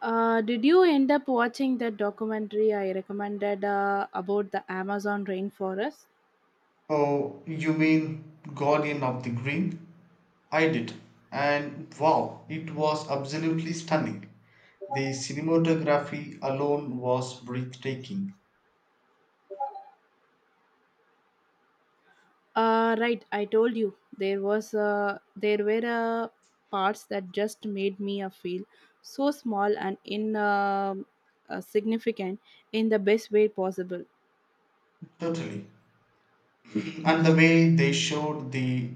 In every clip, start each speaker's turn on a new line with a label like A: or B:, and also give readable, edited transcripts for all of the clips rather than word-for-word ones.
A: Did you end up watching that documentary I recommended about the Amazon rainforest?
B: Oh, you mean Guardian of the Green? I did. And wow, it was absolutely stunning. The cinematography alone was breathtaking.
A: Right, I told you there was there were parts that just made me feel so small and in significant in the best way possible.
B: Totally. And the way they showed the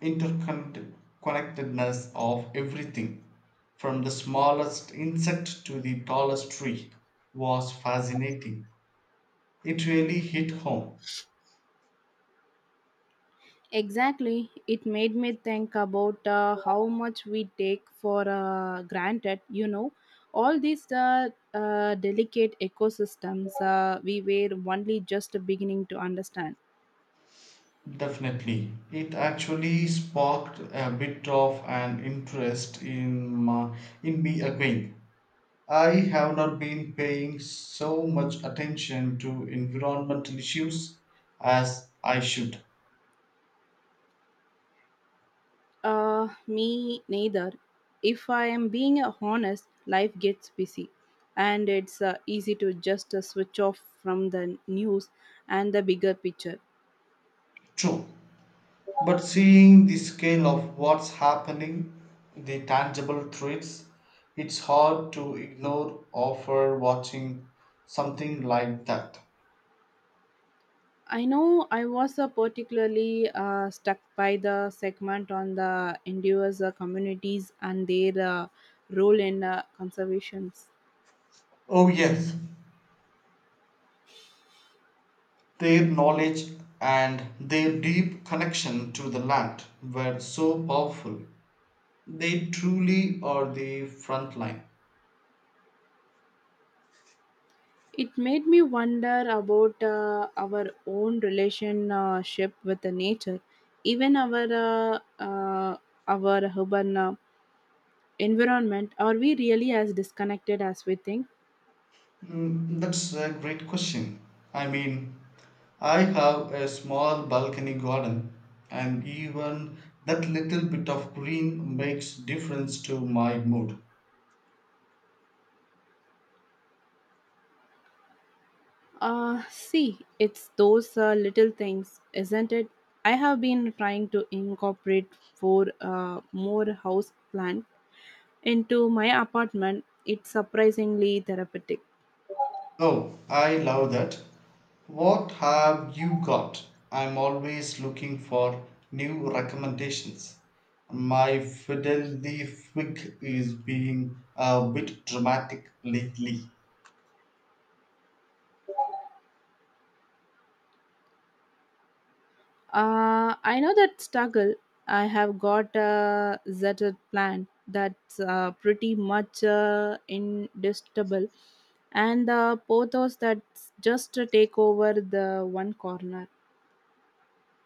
B: interconnectedness of everything, from the smallest insect to the tallest tree, was fascinating. It really hit home.
A: Exactly. It made me think about how much we take for granted, all these delicate ecosystems we were only just beginning to understand.
B: Definitely. It actually sparked a bit of an interest in me again. I have not been paying so much attention to environmental issues as I should.
A: Me neither. If I am being honest, life gets busy and it's easy to just switch off from the news and the bigger picture.
B: True. But seeing the scale of what's happening, the tangible threats, it's hard to ignore offer watching something like that.
A: I know I was particularly stuck by the segment on the indigenous communities and their role in conservations.
B: Oh yes, their knowledge and their deep connection to the land were so powerful. They truly are the front line.
A: It made me wonder about our own relationship with the nature, even our urban environment. Are we really as disconnected as we think?
B: Mm, that's a great question. I mean, I have a small balcony garden, and even that little bit of green makes difference to my mood.
A: See, it's those little things, isn't it? I have been trying to incorporate four more house plant into my apartment. It's surprisingly therapeutic.
B: Oh, I love that. What have you got? I'm always looking for new recommendations. My fiddly fig is being a bit dramatic lately.
A: I know that struggle. I have got a zeta plant that's pretty much indestructible, and the pothos that just take over the one corner.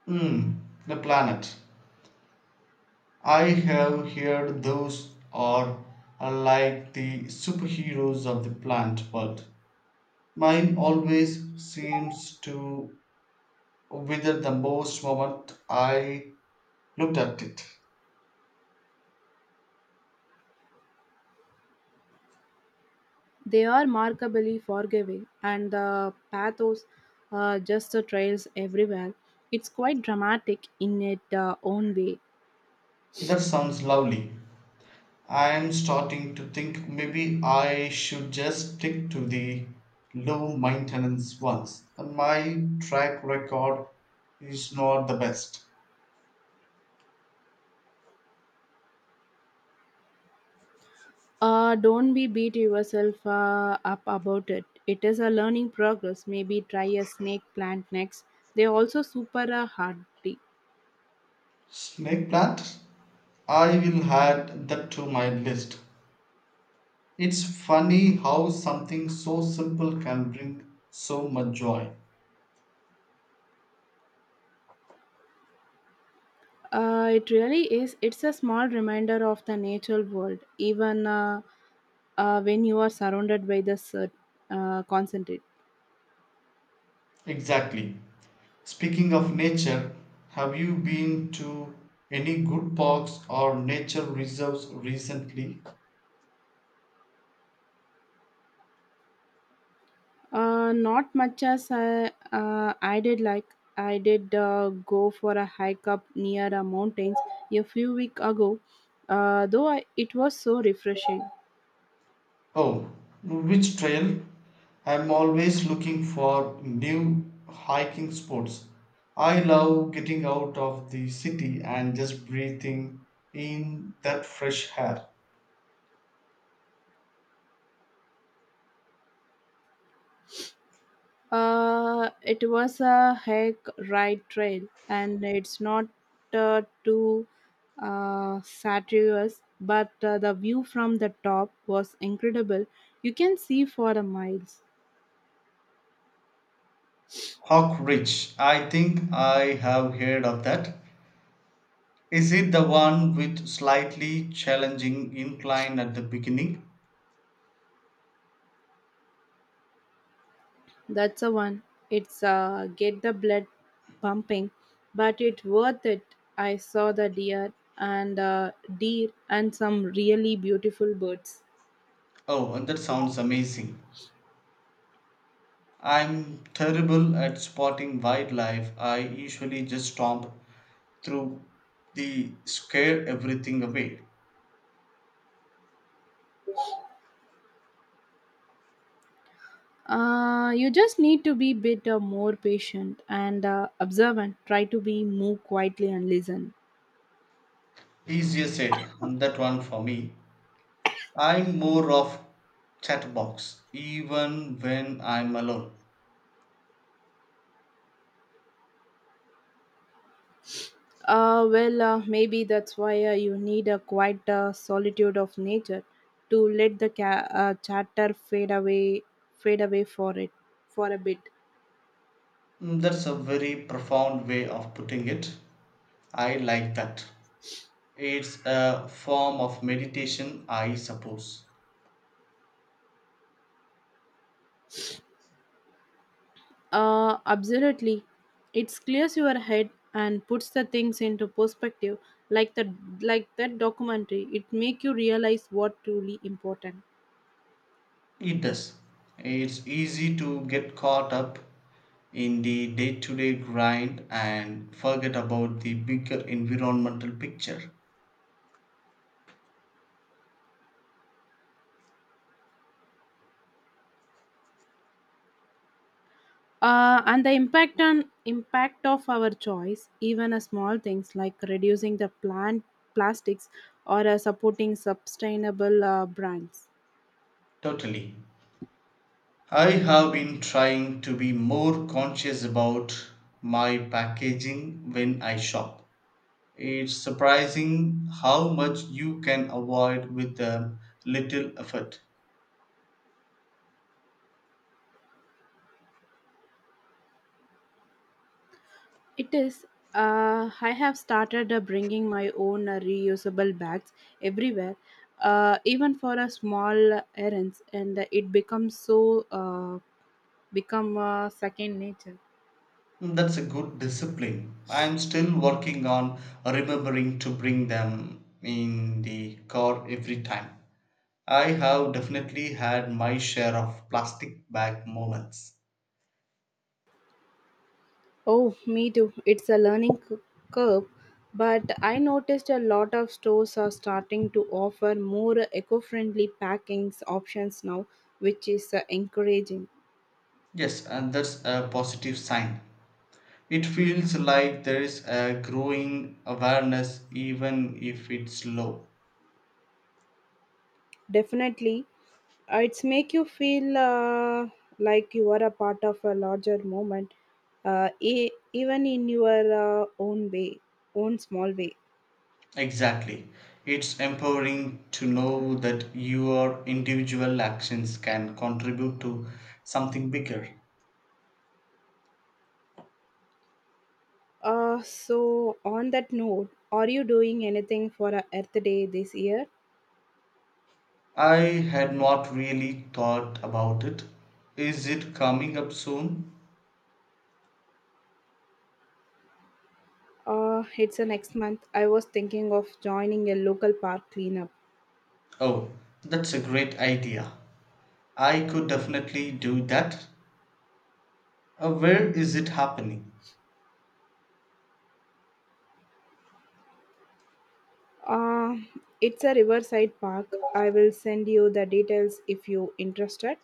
B: Hmm, the planet. I have heard those are like the superheroes of the plant world. Mine always seems to wither the most moment I looked at it.
A: They are remarkably forgiving, and the pathos just trails everywhere. It's quite dramatic in its own way.
B: That sounds lovely. I'm starting to think maybe I should just stick to the low maintenance ones. My track record is not the best.
A: Don't be beat yourself up about it. It is a learning progress. Maybe try a snake plant next. They're also super hardy.
B: Snake plant? I will add that to my list. It's funny how something so simple can bring so much joy.
A: It really is. It's a small reminder of the natural world, even when you are surrounded by the concentrate.
B: Exactly. Speaking of nature, have you been to any good parks or nature reserves recently?
A: Not much as I did go for a hike up near a mountains a few weeks ago. It was so refreshing.
B: Oh, which trail? I'm always looking for new hiking spots. I love getting out of the city and just breathing in that fresh air.
A: It was a hike right trail, and it's not too satirious, but the view from the top was incredible. You can see for the miles.
B: Hawk Ridge, I think I have heard of that. Is it the one with slightly challenging incline at the beginning?
A: That's the one. It's get the blood pumping, but it's worth it. I saw the deer and deer and some really beautiful birds.
B: Oh, and that sounds amazing. I'm terrible at spotting wildlife. I usually just stomp through the scare everything away.
A: You just need to be bit more patient and observant. Try to be move quietly and listen.
B: Easier said, and that one for me. I'm more of chat box, even when I'm alone.
A: Maybe that's why you need a quiet solitude of nature to let the chatter fade away for it for a bit.
B: Mm, that's a very profound way of putting it. I like that. It's a form of meditation, I suppose.
A: Absolutely. It clears your head and puts the things into perspective. Like that, like that documentary, it make you realize what truly important.
B: It does. It's easy to get caught up in the day to day grind and forget about the bigger environmental picture.
A: And the impact of our choice, even a small things like reducing the plant plastics or supporting sustainable brands.
B: Totally. I have been trying to be more conscious about my packaging when I shop. It's surprising how much you can avoid with a little effort.
A: It is. I have started bringing my own reusable bags everywhere, even for a small errands, and it becomes so become second nature.
B: That's a good discipline. I'm still working on remembering to bring them in the car every time. I have definitely had my share of plastic bag moments.
A: Oh, me too. It's a learning curve, but I noticed a lot of stores are starting to offer more eco-friendly packings options now, which is encouraging.
B: Yes, and that's a positive sign. It feels like there is a growing awareness, even if it's low.
A: Definitely, it's make you feel like you are a part of a larger movement, even in your own way, own small way.
B: Exactly. It's empowering to know that your individual actions can contribute to something bigger.
A: So on that note, are you doing anything for Earth Day this year?
B: I had not really thought about it. Is it coming up soon?
A: It's a next month. I was thinking of joining a local park cleanup.
B: Oh, that's a great idea. I could definitely do that. Where is it happening?
A: Uh, it's a riverside park. I will send you the details if you interested.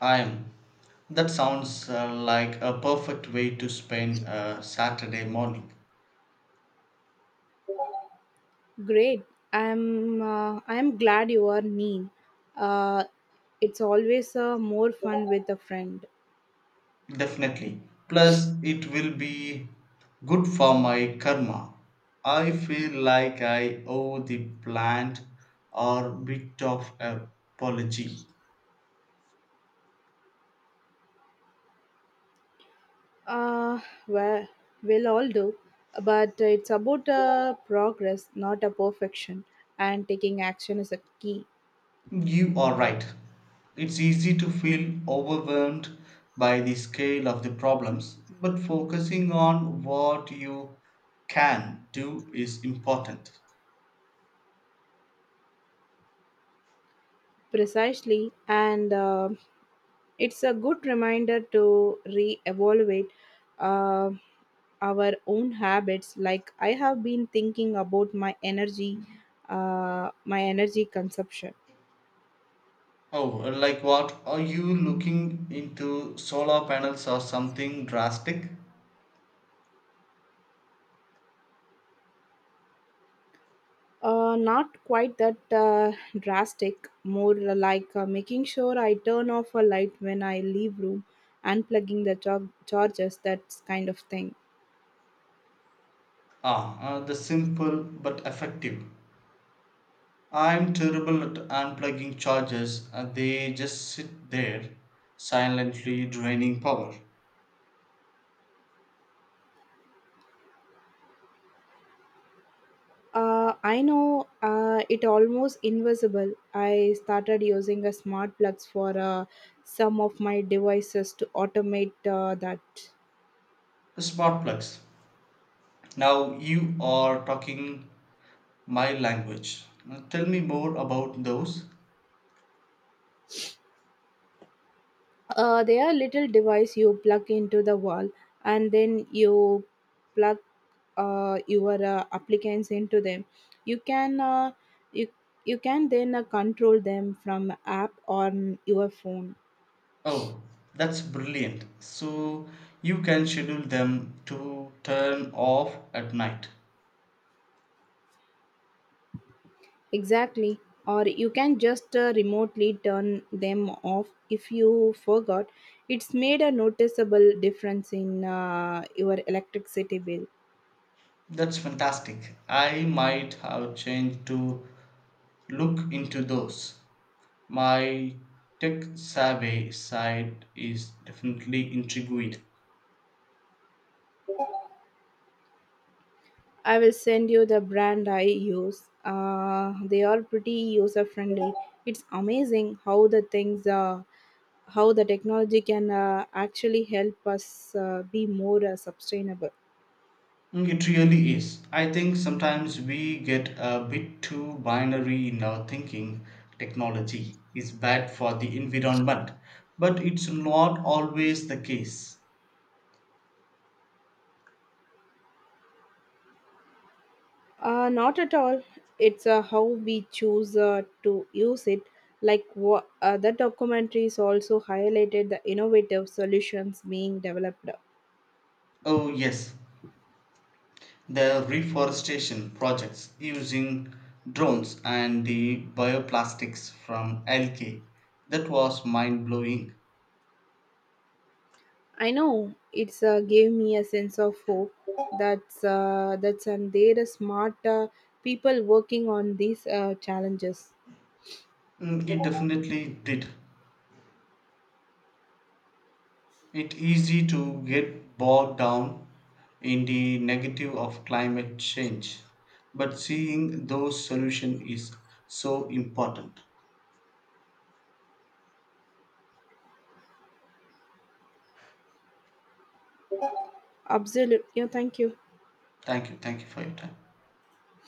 B: I am. That sounds like a perfect way to spend a Saturday morning.
A: Great. I'm glad you are mean. Uh, it's always more fun with a friend.
B: Definitely. Plus, it will be good for my karma. I feel like I owe the plant or bit of apology.
A: Uh, well, we'll all do, but it's about progress, not a perfection. And taking action is a key,
B: You are right. It's easy to feel overwhelmed by the scale of the problems, but focusing on what you can do is important.
A: precisely. And it's a good reminder to re-evaluate uh, our own habits. Like I have been thinking about my energy, my energy consumption.
B: Oh, like what? Are you looking into solar panels or something drastic?
A: Not quite that drastic, more like making sure I turn off a light when I leave room and plugging the chargers, that kind of thing.
B: Ah, the simple but effective. I'm terrible at unplugging chargers, they just sit there, silently draining power.
A: I know it almost invisible. I started using a smart plugs for some of my devices to automate that.
B: Smart plugs. Now you are talking my language. Now tell me more about those.
A: They are little device you plug into the wall and then you plug your applicants into them you can you, you can then control them from app on your phone
B: Oh, that's brilliant. So you can schedule them to turn off at night.
A: exactly or you can just remotely turn them off if you forgot it's made a noticeable difference in your electricity bill
B: That's fantastic. I might have changed to look into those. My tech savvy side is definitely intrigued.
A: I will send you the brand I use. They are pretty user friendly. It's amazing how the things, how the technology can actually help us be more sustainable.
B: Mm, it really is. I think sometimes we get a bit too binary in our thinking. Technology is bad for the environment, but it's not always the case.
A: Not at all. It's how we choose to use it. Like what the documentaries also highlighted the innovative solutions being developed.
B: Oh, yes, the reforestation projects using drones and the bioplastics from algae that was mind blowing.
A: I know it's gave me a sense of hope that's and there are smart people working on these challenges.
B: Mm, it definitely did. It's easy to get bogged down in the negative of climate change, but seeing those solutions is so important.
A: Absolutely, yeah, thank you.
B: Thank you. Thank you for your time.